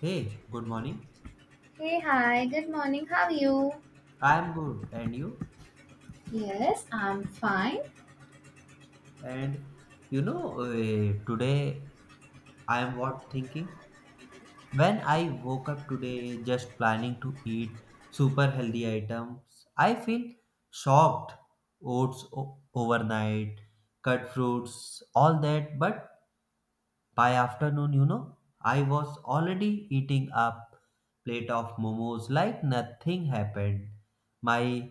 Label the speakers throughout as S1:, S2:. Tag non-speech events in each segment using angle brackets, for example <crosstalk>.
S1: Hey, good morning.
S2: Hey, hi, good morning. How are you?
S1: I'm good, and you?
S2: Yes, I'm fine.
S1: And today I am what thinking. When I woke up today, just planning to eat super healthy items, I feel shocked. Oats overnight, cut fruits, all that, but by afternoon, I was already eating a plate of momos like nothing happened. My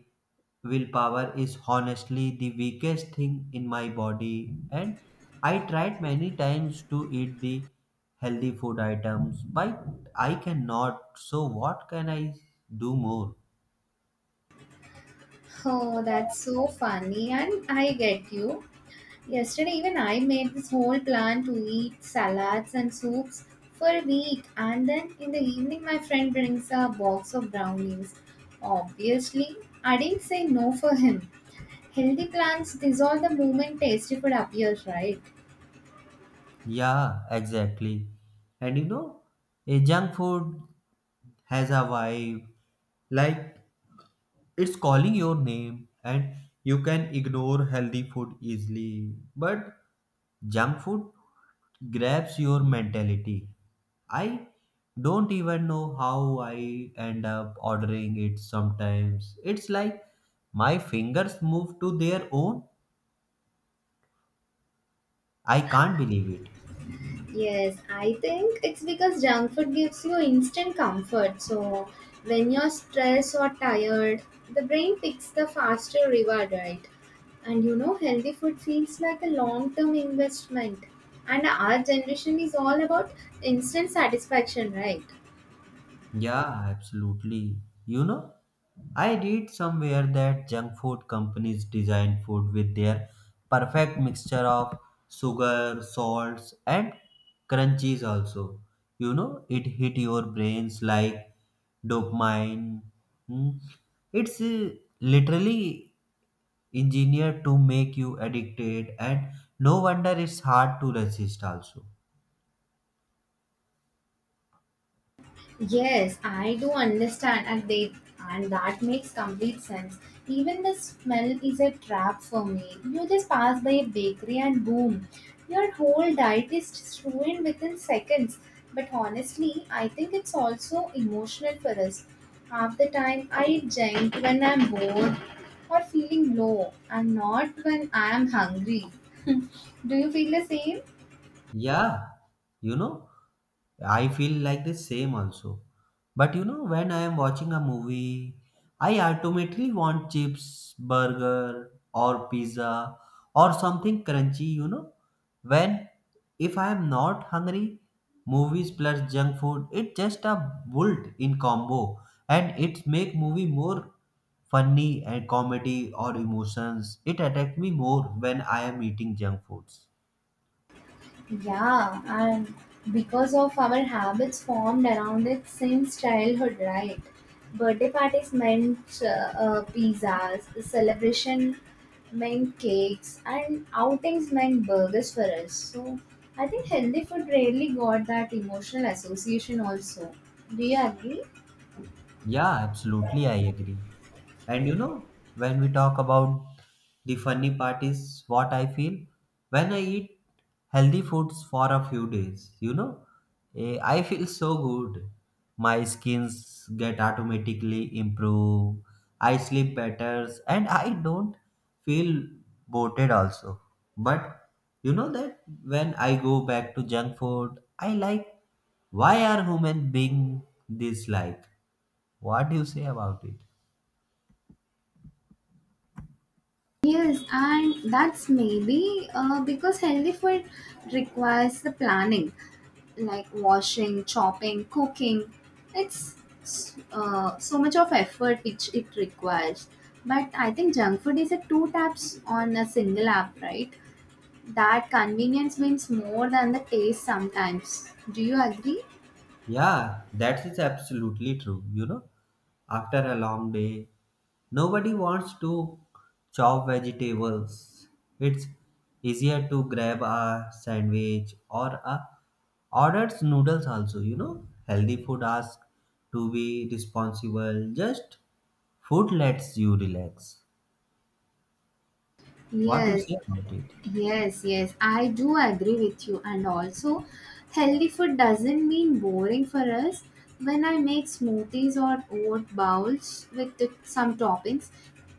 S1: willpower is honestly the weakest thing in my body, and I tried many times to eat the healthy food items, but I cannot. So, what can I do more?
S2: Oh, that's so funny, and I get you. Yesterday, even I made this whole plan to eat salads and soups for a week, and then in the evening, my friend brings a box of brownies. Obviously, I didn't say no for him. Healthy plans dissolve the moment tasty food appears, right?
S1: Yeah, exactly. And a junk food has a vibe like it's calling your name, and you can ignore healthy food easily, but junk food grabs your mentality. I don't even know how I end up ordering it. Sometimes it's like my fingers move to their own. I can't believe it.
S2: Yes, I think it's because junk food gives you instant comfort. So when you're stressed or tired, the brain picks the faster reward, right? And you know, healthy food feels like a long term investment. And our generation is all about instant satisfaction, right?
S1: Yeah, absolutely. You know, I read somewhere that junk food companies design food with their perfect mixture of sugar, salts, and crunchies also. You know, it hit your brains like dopamine. Hmm. It's literally engineered to make you addicted, and no wonder it's hard to resist also.
S2: Yes, I do understand, and that makes complete sense. Even the smell is a trap for me. You just pass by a bakery and boom, your whole diet is just ruined within seconds. But honestly, I think it's also emotional for us. Half the time, I drink when I'm bored or feeling low, and not when I'm hungry. <laughs> Do you feel the same?
S1: Yeah, you know, I feel like the same also. But you know, when I am watching a movie, I automatically want chips, burger, or pizza, or something crunchy, you know. When, if I am not hungry, movies plus junk food, it's just a bolt in combo, and it make movie more funny and comedy or emotions. It attract me more when I am eating junk foods.
S2: Yeah, and because of our habits formed around it since childhood, right? Birthday parties meant pizzas, celebration meant cakes, and outings meant burgers for us. So I think healthy food rarely got that emotional association, also. Do you agree?
S1: Yeah, absolutely, I agree. And you know, when we talk about, the funny part is what I feel when I eat healthy foods for a few days, you know, I feel so good. My skins get automatically improve. I sleep better, and I don't feel bloated also. But you know that when I go back to junk food, I like, why are human being this like? What do you say about it?
S2: Yes, and that's maybe because healthy food requires the planning, like washing, chopping, cooking. It's so much of effort which it requires. But I think junk food is a two taps on a single app, right? That convenience means more than the taste sometimes. Do you agree?
S1: Yeah, that is absolutely true. You know, after a long day, nobody wants to chop vegetables. It's easier to grab a sandwich or a orders noodles also, you know. Healthy food asks to be responsible. Just food lets you relax. What do you
S2: Yes.
S1: say about it?
S2: Yes, I do agree with you. And also, healthy food doesn't mean boring for us. When I make smoothies or oat bowls with some toppings,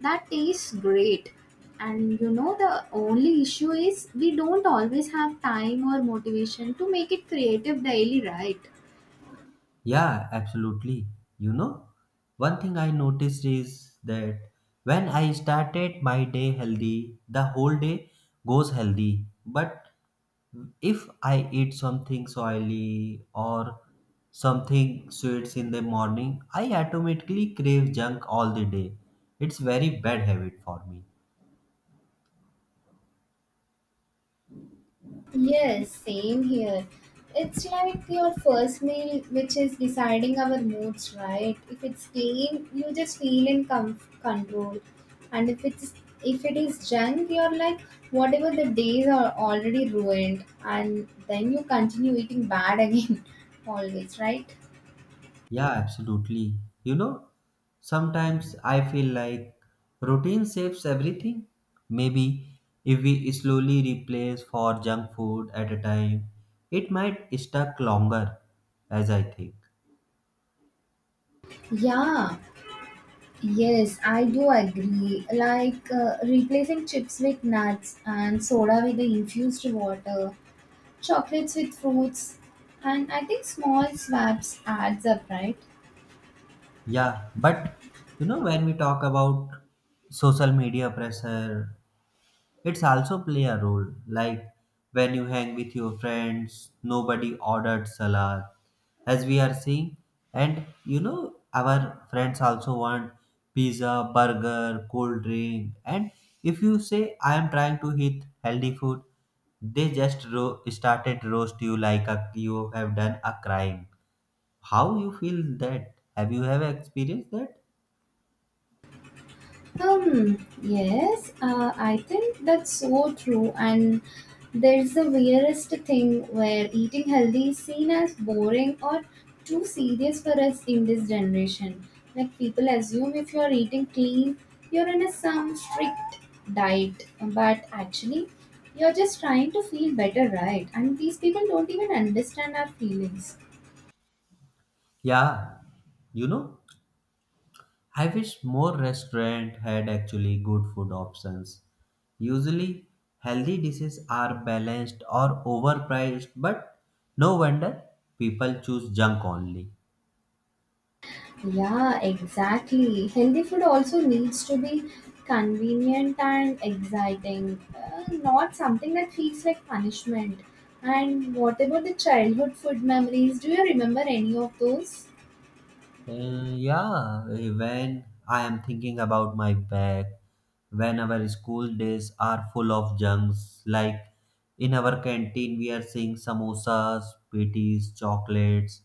S2: that tastes great. And you know, the only issue is we don't always have time or motivation to make it creative daily, right?
S1: Yeah, absolutely. You know, one thing I noticed is that when I started my day healthy, the whole day goes healthy. But if I eat something oily or something sweets in the morning, I automatically crave junk all the day. It's very bad habit for me.
S2: Yes, same here. It's like your first meal, which is deciding our moods, right? If it's clean, you just feel in control, and if it is junk, you're like whatever the days are already ruined, and then you continue eating bad again, <laughs> always, right?
S1: Yeah, absolutely. You know, sometimes I feel like routine saves everything. Maybe if we slowly replace for junk food at a time, it might stuck longer, as I think.
S2: Yeah, yes, I do agree. Like replacing chips with nuts and soda with the infused water, chocolates with fruits, and I think small swaps adds up, right?
S1: Yeah, but you know, when we talk about social media pressure, it's also play a role, like when you hang with your friends, nobody ordered salad, as we are seeing, and you know our friends also want pizza, burger, cold drink, and if you say I am trying to eat healthy food, they just started roast you like a, you have done a crime. How you feel that? Have you have experienced that?
S2: Hmm. Yes. I think that's so true. And there's the weirdest thing where eating healthy is seen as boring or too serious for us in this generation. Like people assume if you're eating clean, you're in a some strict diet, but actually, you're just trying to feel better, right? And these people don't even understand our feelings.
S1: Yeah, you know, I wish more restaurants had actually good food options. Usually, healthy dishes are balanced or overpriced, but no wonder people choose junk only.
S2: Yeah, exactly. Healthy food also needs to be convenient and exciting, not something that feels like punishment. And what about the childhood food memories? Do you remember any of those?
S1: Yeah, when I am thinking about my back, when our school days are full of junks, like in our canteen we are seeing samosas, patties, chocolates,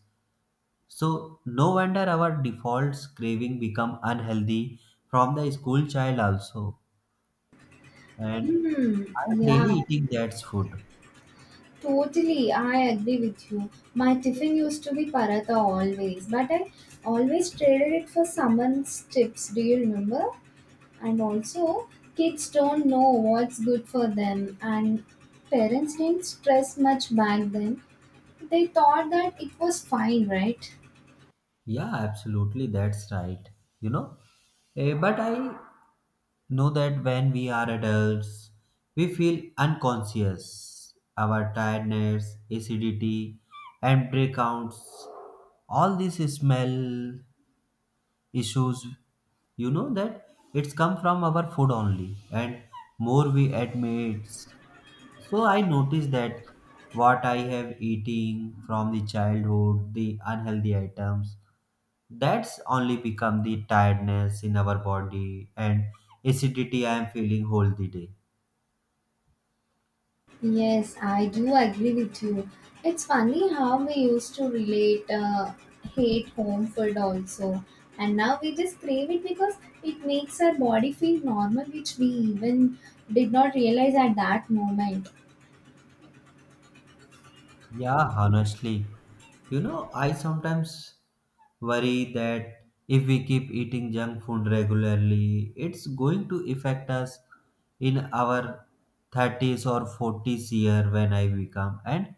S1: so no wonder our default craving become unhealthy from the school child also. And
S2: Hmm,
S1: I'm
S2: yeah,
S1: daily eating that food.
S2: totally. I agree with you. My tiffin used to be paratha always, but I always traded it for someone's chips. Do you remember? And also, kids don't know what's good for them, and parents didn't stress much back then. They thought that it was fine, right?
S1: Yeah, absolutely, that's right. You know, but I know that when we are adults, we feel unconscious. Our tiredness, acidity, and breakouts, all this smell issues, you know that it's come from our food only, and more we add meats. So I noticed that what I have eating from the childhood, the unhealthy items, that's only become the tiredness in our body, and acidity I am feeling whole the day.
S2: Yes, I do agree with you. It's funny how we used to relate hate home food also, and now we just crave it because it makes our body feel normal, which we even did not realize at that moment.
S1: Yeah, honestly. You know, I sometimes worry that if we keep eating junk food regularly, it's going to affect us in our 30s or 40s year when I become, and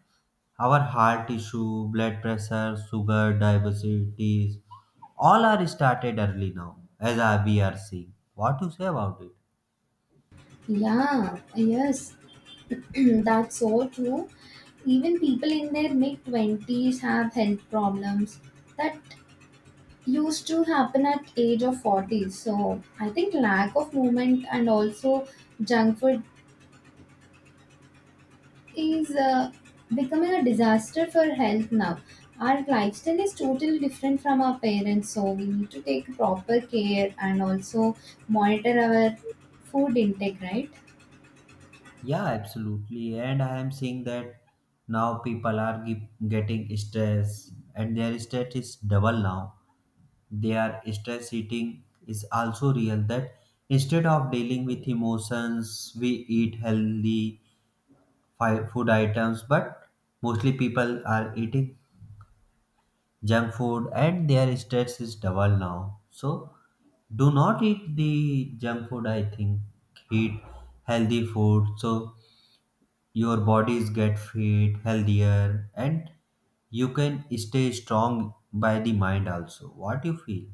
S1: our heart issue, blood pressure, sugar, diabetes, all are started early now as we are seeing. What you say about it?
S2: Yeah, yes. <clears throat> That's so true. Even people in their mid 20s have health problems that used to happen at age of 40. So I think lack of movement and also junk food is becoming a disaster for health now. Our lifestyle is totally different from our parents, so we need to take proper care and also monitor our food intake, right?
S1: Yeah, absolutely. And I am seeing that now people are getting stress, and their stress is double now. Their stress eating is also real. That instead of dealing with emotions, we eat healthy food items, but mostly people are eating junk food, and their stress is double now. So, do not eat the junk food. I think eat healthy food. So your bodies get fit healthier, and you can stay strong by the mind also. What you feel?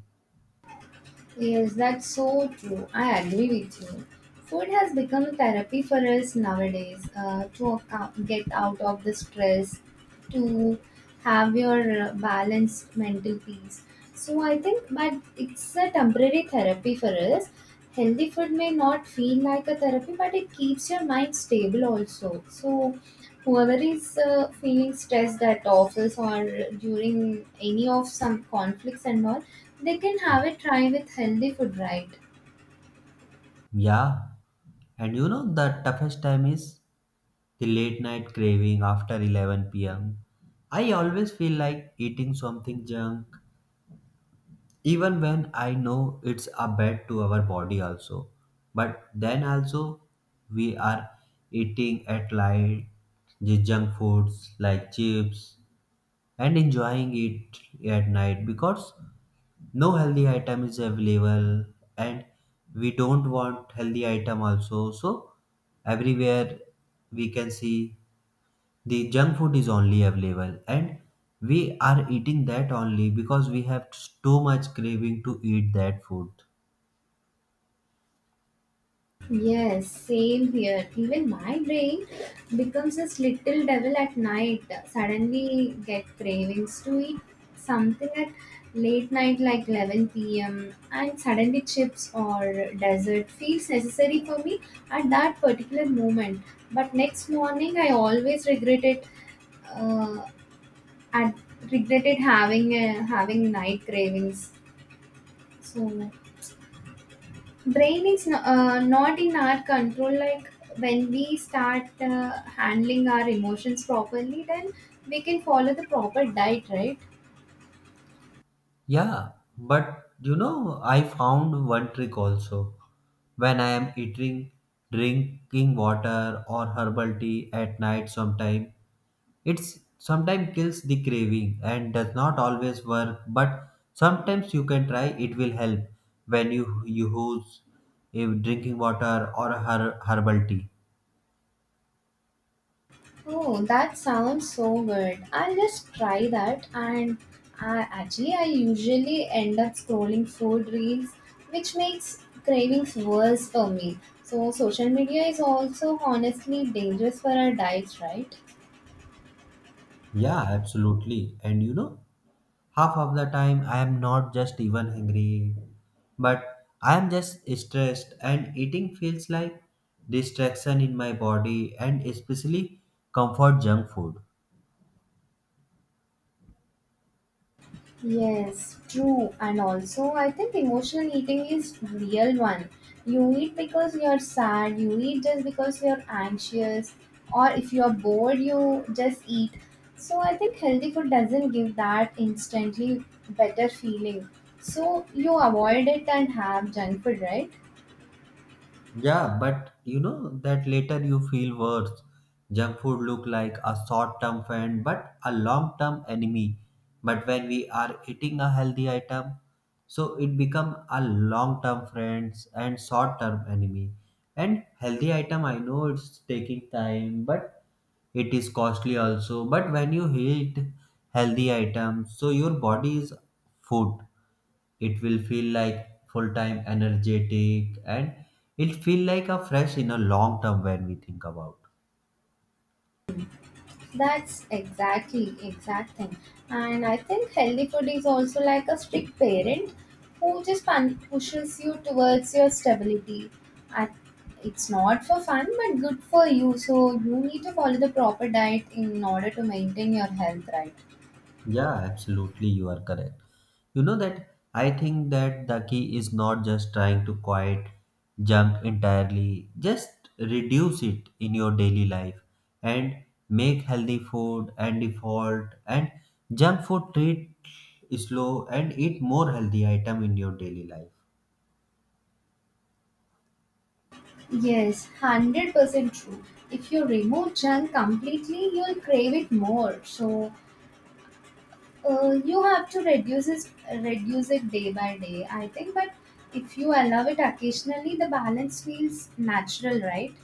S2: Yes, that's so true. I agree with you. Food has become therapy for us nowadays, to account, get out of the stress, to have your balanced mental peace. So I think, but it's a temporary therapy for us. Healthy food may not feel like a therapy, but it keeps your mind stable also. So whoever is feeling stressed at office or during any of some conflicts and all, they can have a try with healthy food, right?
S1: Yeah, and you know, the toughest time is the late night craving after 11 p.m. I always feel like eating something junk, even when I know it's a bad to our body also. But then also, we are eating at light the junk foods like chips and enjoying it at night because no healthy item is available, and we don't want healthy item also. So everywhere we can see the junk food is only available, and we are eating that only because we have too much craving to eat that food.
S2: Yes, same here. Even my brain becomes this little devil at night. Suddenly get cravings to eat something at late night like 11 p.m., and suddenly chips or dessert feels necessary for me at that particular moment. But next morning I always regret it, uh, at regretted having having night cravings. So brain is not in our control. Like when we start handling our emotions properly, then we can follow the proper diet, right?
S1: Yeah, but you know, I found one trick also. When I am eating, drinking water or herbal tea at night sometime, it's sometimes kills the craving and does not always work, but sometimes you can try, it will help when you use a drinking water or a herbal tea.
S2: Oh, that sounds so good. I'll just try that. And I usually end up scrolling food reels, which makes cravings worse for me. So, social media is also honestly dangerous for our diets, right?
S1: Yeah, absolutely. And you know, half of the time I am not just even hungry, but I am just stressed, and eating feels like distraction in my body, and especially comfort junk food.
S2: Yes, true. And also, I think emotional eating is real one. You eat because you're sad, you eat just because you're anxious, or if you're bored, you just eat. So I think healthy food doesn't give that instantly better feeling. So you avoid it and have junk food, right?
S1: Yeah, but you know that later you feel worse. Junk food look like a short-term friend but a long-term enemy. But when we are eating a healthy item, so it become a long-term friends and short-term enemy. And healthy item I know it's taking time, but it is costly also. But when you eat healthy items, so your body is food, it will feel like full time energetic, and it feel like a fresh in a long term when we think about.
S2: That's exact thing. And I think healthy food is also like a strict parent who just pushes you towards your stability. I, it's not for fun, but good for you. So you need to follow the proper diet in order to maintain your health, right?
S1: Yeah, absolutely, you are correct. You know that, I think that the key is not just trying to quiet junk entirely, just reduce it in your daily life, and make healthy food and default, and junk food treat slow, and eat more healthy item in your daily life.
S2: Yes, 100% true. If you remove junk completely, you'll crave it more. So you have to reduce it day by day, I think. But if you allow it occasionally, the balance feels natural, right?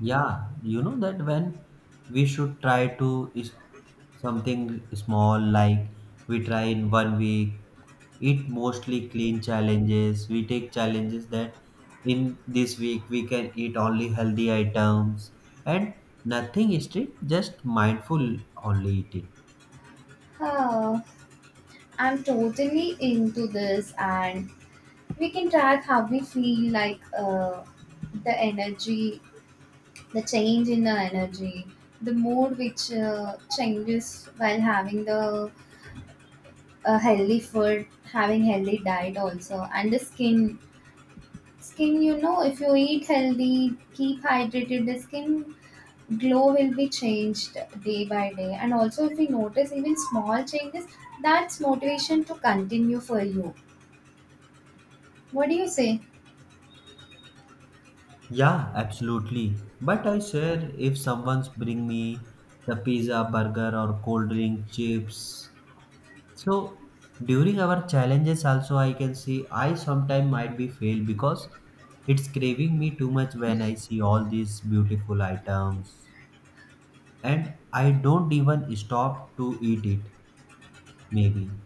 S1: Yeah, you know that when we should try to is something small, like we try in one week, eat mostly clean challenges. We take challenges that in this week we can eat only healthy items, and nothing strict, just mindful only eating.
S2: Huh. I'm totally into this, and we can track how we feel, like the energy, the change in the energy, the mood which changes while having the having healthy diet also, and the skin, You know, if you eat healthy, keep hydrated, the skin glow will be changed day by day. And also, if we notice even small changes, that's motivation to continue for you. What do you say?
S1: Yeah, absolutely. But I swear, if someone's bring me the pizza, burger, or cold drink, chips, so during our challenges also I can see I sometime might be fail because it's craving me too much when I see all these beautiful items, and I don't even stop to eat it maybe.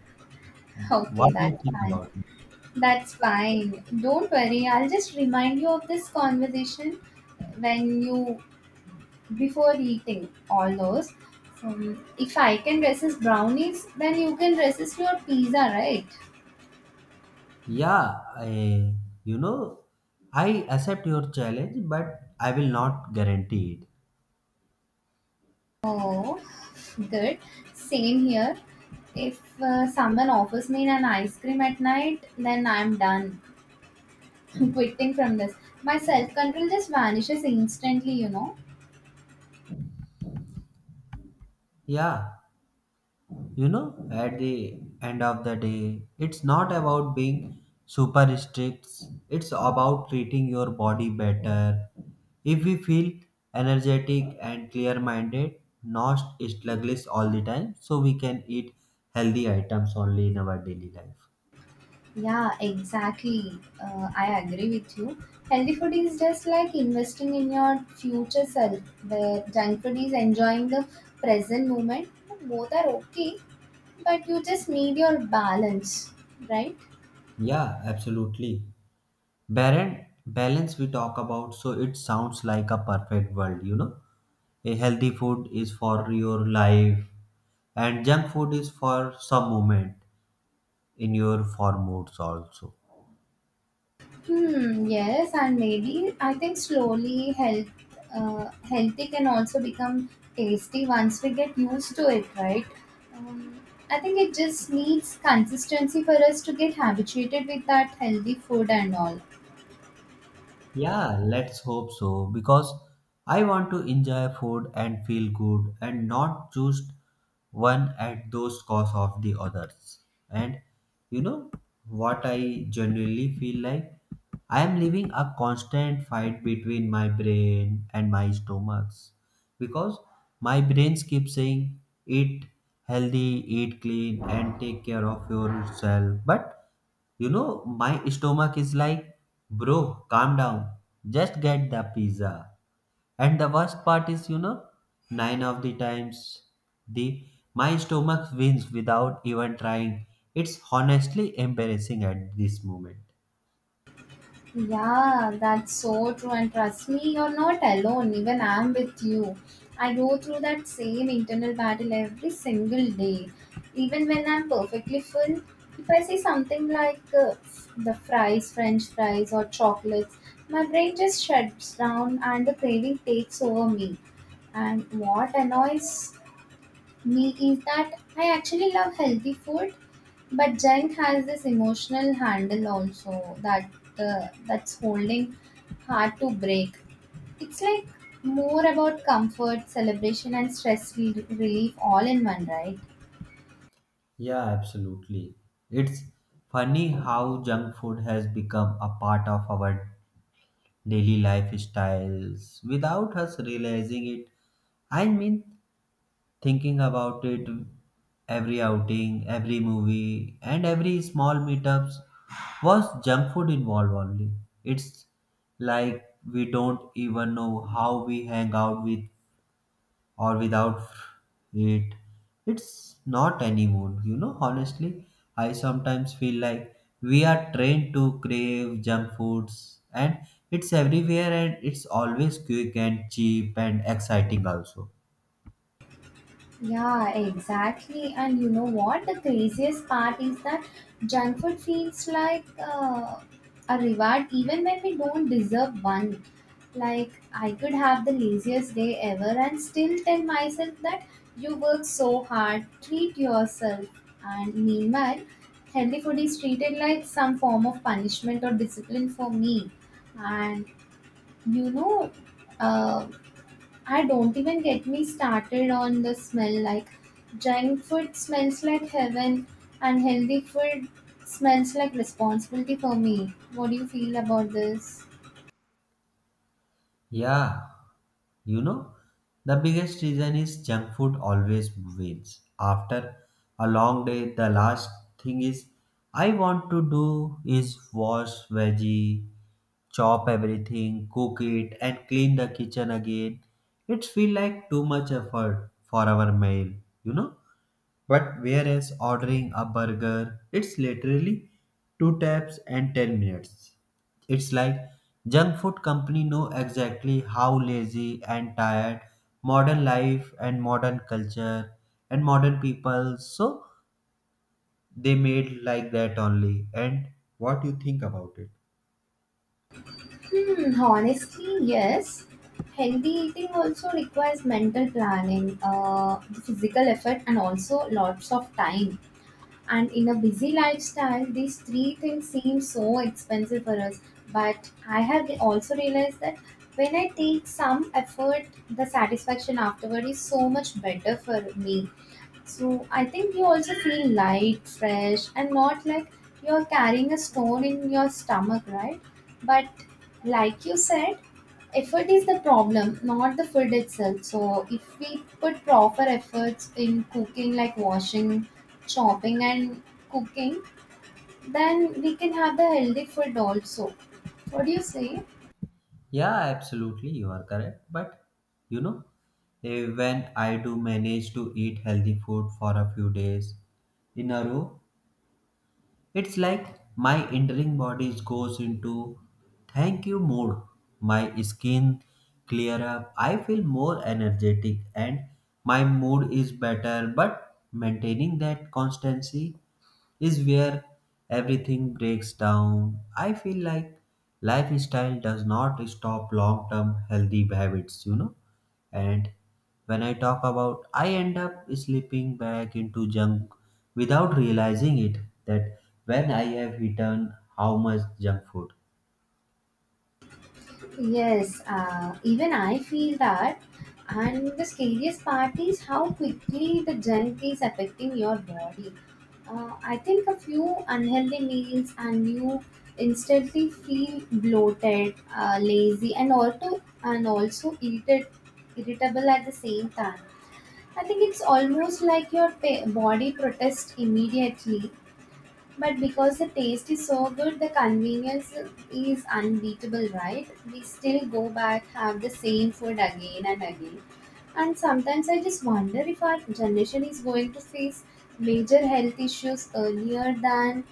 S2: <laughs> Okay,
S1: What do you
S2: that's
S1: think
S2: fine.
S1: about it?
S2: That's fine. Don't worry, I'll just remind you of this conversation when you, before eating all those. If I can resist brownies, then you can resist your pizza, right?
S1: Yeah, I, you know, I accept your challenge, but I will not guarantee it.
S2: Oh, good. Same here. If someone offers me an ice cream at night, then I'm done. <laughs> I'm quitting from this. My self control just vanishes instantly, you know.
S1: Yeah. You know, at the end of the day, it's not about being super strict, it's about treating your body better. If we feel energetic and clear minded, not sluggish all the time, so we can eat healthy items only in our daily life.
S2: Yeah, exactly. I agree with you. Healthy food is just like investing in your future self, where junk food is enjoying the present moment. Both are okay, but you just need your balance, right?
S1: Yeah, absolutely. Baron balance we talk about, so it sounds like a perfect world, you know. A healthy food is for your life, and junk food is for some moment in your four moods also.
S2: Hmm, yes, and maybe I think healthy can also become tasty once we get used to it, right? Um, I think it just needs consistency for us to get habituated with that healthy food and all.
S1: Yeah, let's hope so because I want to enjoy food and feel good, and not just one at those cost of the others. And you know what I genuinely feel like? I am living a constant fight between my brain and my stomachs because my brains keep saying eat healthy, eat clean, and take care of yourself. But you know, my stomach is like, bro, calm down. Just get the pizza. And the worst part is, you know, nine of the times, the my stomach wins without even trying. It's honestly embarrassing at this moment.
S2: Yeah, that's so true. And trust me, you're not alone. Even I'm with you. I go through that same internal battle every single day. Even when I'm perfectly full, if I see something like french fries, or chocolates, my brain just shuts down and the craving takes over me. And what annoys me is that I actually love healthy food, but junk has this emotional handle also, that's holding hard to break. It's like more about comfort, celebration, and relief all in one, right?
S1: Yeah, absolutely. It's funny how junk food has become a part of our daily lifestyles without us realizing it. I mean, thinking about it, every outing, every movie, and every small meetups was junk food involved only. It's like we don't even know how we hang out with or without it. It's not anymore, you know, honestly. I sometimes feel like we are trained to crave junk foods, and it's everywhere, and it's always quick and cheap and exciting also.
S2: Yeah, exactly. And you know what? The craziest part is that junk food feels like a reward even when we don't deserve one. Like, I could have the laziest day ever and still tell myself that you work so hard, treat yourself. And meanwhile, healthy food is treated like some form of punishment or discipline for me. And you know, uh, I don't even get me started on the smell. Like junk food smells like heaven, and healthy food smells like responsibility for me. What do you feel about this?
S1: Yeah, you know, the biggest reason is junk food always wins. After a long day, the last thing is I want to do is wash veggie, chop everything, cook it, and clean the kitchen again. It feel like too much effort for our meal, you know. But whereas ordering a burger, it's literally two taps and 10 minutes. It's like junk food company know exactly how lazy and tired modern life and modern culture and modern people, so they made like that only. And what you think about it?
S2: Hmm, honestly, yes. Healthy eating also requires mental planning, the physical effort, and also lots of time. And in a busy lifestyle these three things seem so expensive for us. But I have also realized that when I take some effort, the satisfaction afterward is so much better for me. So I think you also feel light, fresh, and not like you're carrying a stone in your stomach, right? But like you said, effort is the problem, not the food itself. So if we put proper efforts in cooking, like washing, chopping, and cooking, then we can have the healthy food also. What do you say?
S1: Yeah, absolutely, you are correct. But you know, when I do manage to eat healthy food for a few days in a row, it's like my entering body goes into thank you mode. My skin clear up. I feel more energetic, and my mood is better. But maintaining that constancy is where everything breaks down. I feel like lifestyle does not stop long term healthy habits, you know. And when I talk about, I end up slipping back into junk without realizing it, that when I have eaten how much junk food.
S2: Yes, even I feel that. And the scariest part is how quickly the junk is affecting your body. I think a few unhealthy meals and you instantly feel bloated, lazy, and also irritable at the same time. I think it's almost like your body protests immediately, but because the taste is so good, the convenience is unbeatable, right? We still go back, have the same food again and again. And sometimes I just wonder if our generation is going to face major health issues earlier than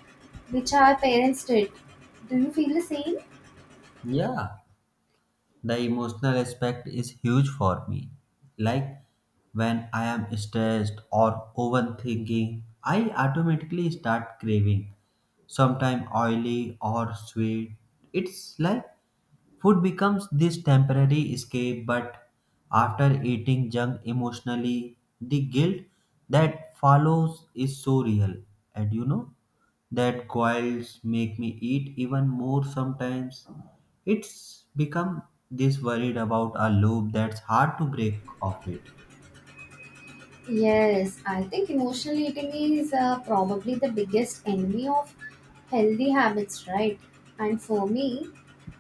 S2: which our parents did. Do you feel the same?
S1: Yeah, the emotional aspect is huge for me. Like when I am stressed or overthinking, I automatically start craving sometimes oily or sweet. It's like food becomes this temporary escape, but after eating junk emotionally, the guilt that follows is so real. And you know, that coils make me eat even more sometimes. It's become this worried about a loop that's hard to break off it.
S2: Yes, I think emotional eating is probably the biggest enemy of healthy habits, right? And for me,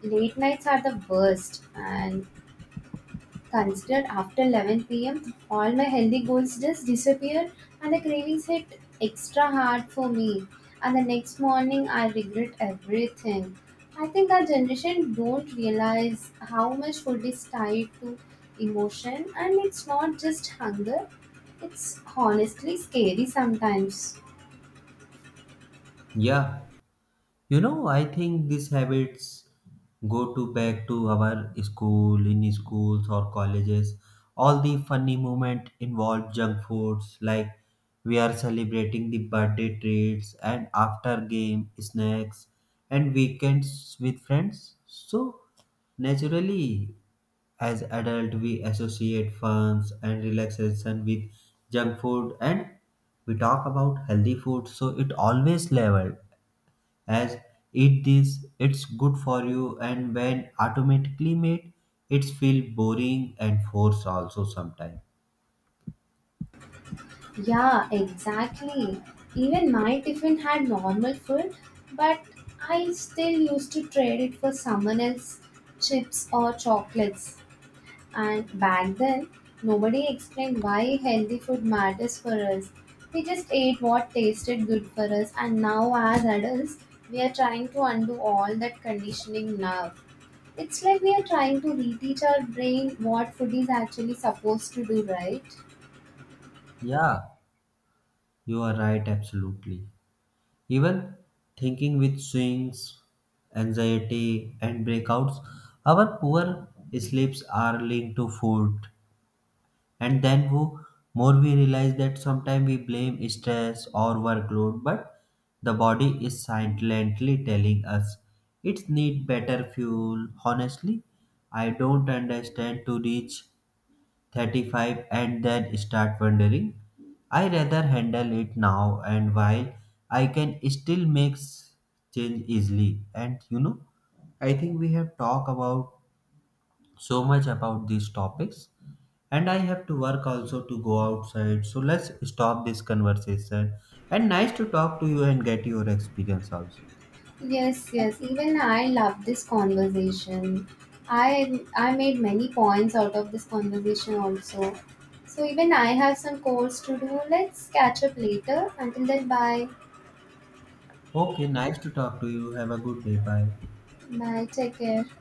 S2: late nights are the worst. And considered after 11 p.m., all my healthy goals just disappeared and the cravings hit extra hard for me. And the next morning, I regret everything. I think our generation don't realize how much food is tied to emotion, and it's not just hunger. It's honestly scary sometimes.
S1: Yeah, you know, I think these habits go to back to our school, in schools or colleges. All the funny moment involve junk foods, like we are celebrating the birthday treats and after game snacks and weekends with friends. So naturally, as adult, we associate funs and relaxation with junk food, and we talk about healthy food. So it always leveled as eat this it's good for you, and when automatically made, it's feel boring and force also sometimes.
S2: Yeah, exactly. Even my tiffin had normal food, but I still used to trade it for someone else's chips or chocolates. And back then, nobody explained why healthy food matters for us. We just ate what tasted good for us, and now as adults, we are trying to undo all that conditioning now. It's like we are trying to reteach our brain what food is actually supposed to do, right?
S1: Yeah, you are right absolutely. Even thinking with swings, anxiety and breakouts, our poor sleeps are linked to food. And then more we realize that sometimes we blame stress or workload, but the body is silently telling us it need better fuel. Honestly, I don't understand, to reach 35 and then start wondering, I rather handle it now and while I can still make change easily. And you know, I think we have talked about so much about these topics, and I have to work also to go outside, so let's stop this conversation, and nice to talk to you and get your experience also.
S2: Yes, yes. Even I love this conversation. I made many points out of this conversation also. So even I have some course to do. Let's catch up later. Until then, bye.
S1: Okay, nice to talk to you, have a good day, bye.
S2: Bye. Take care.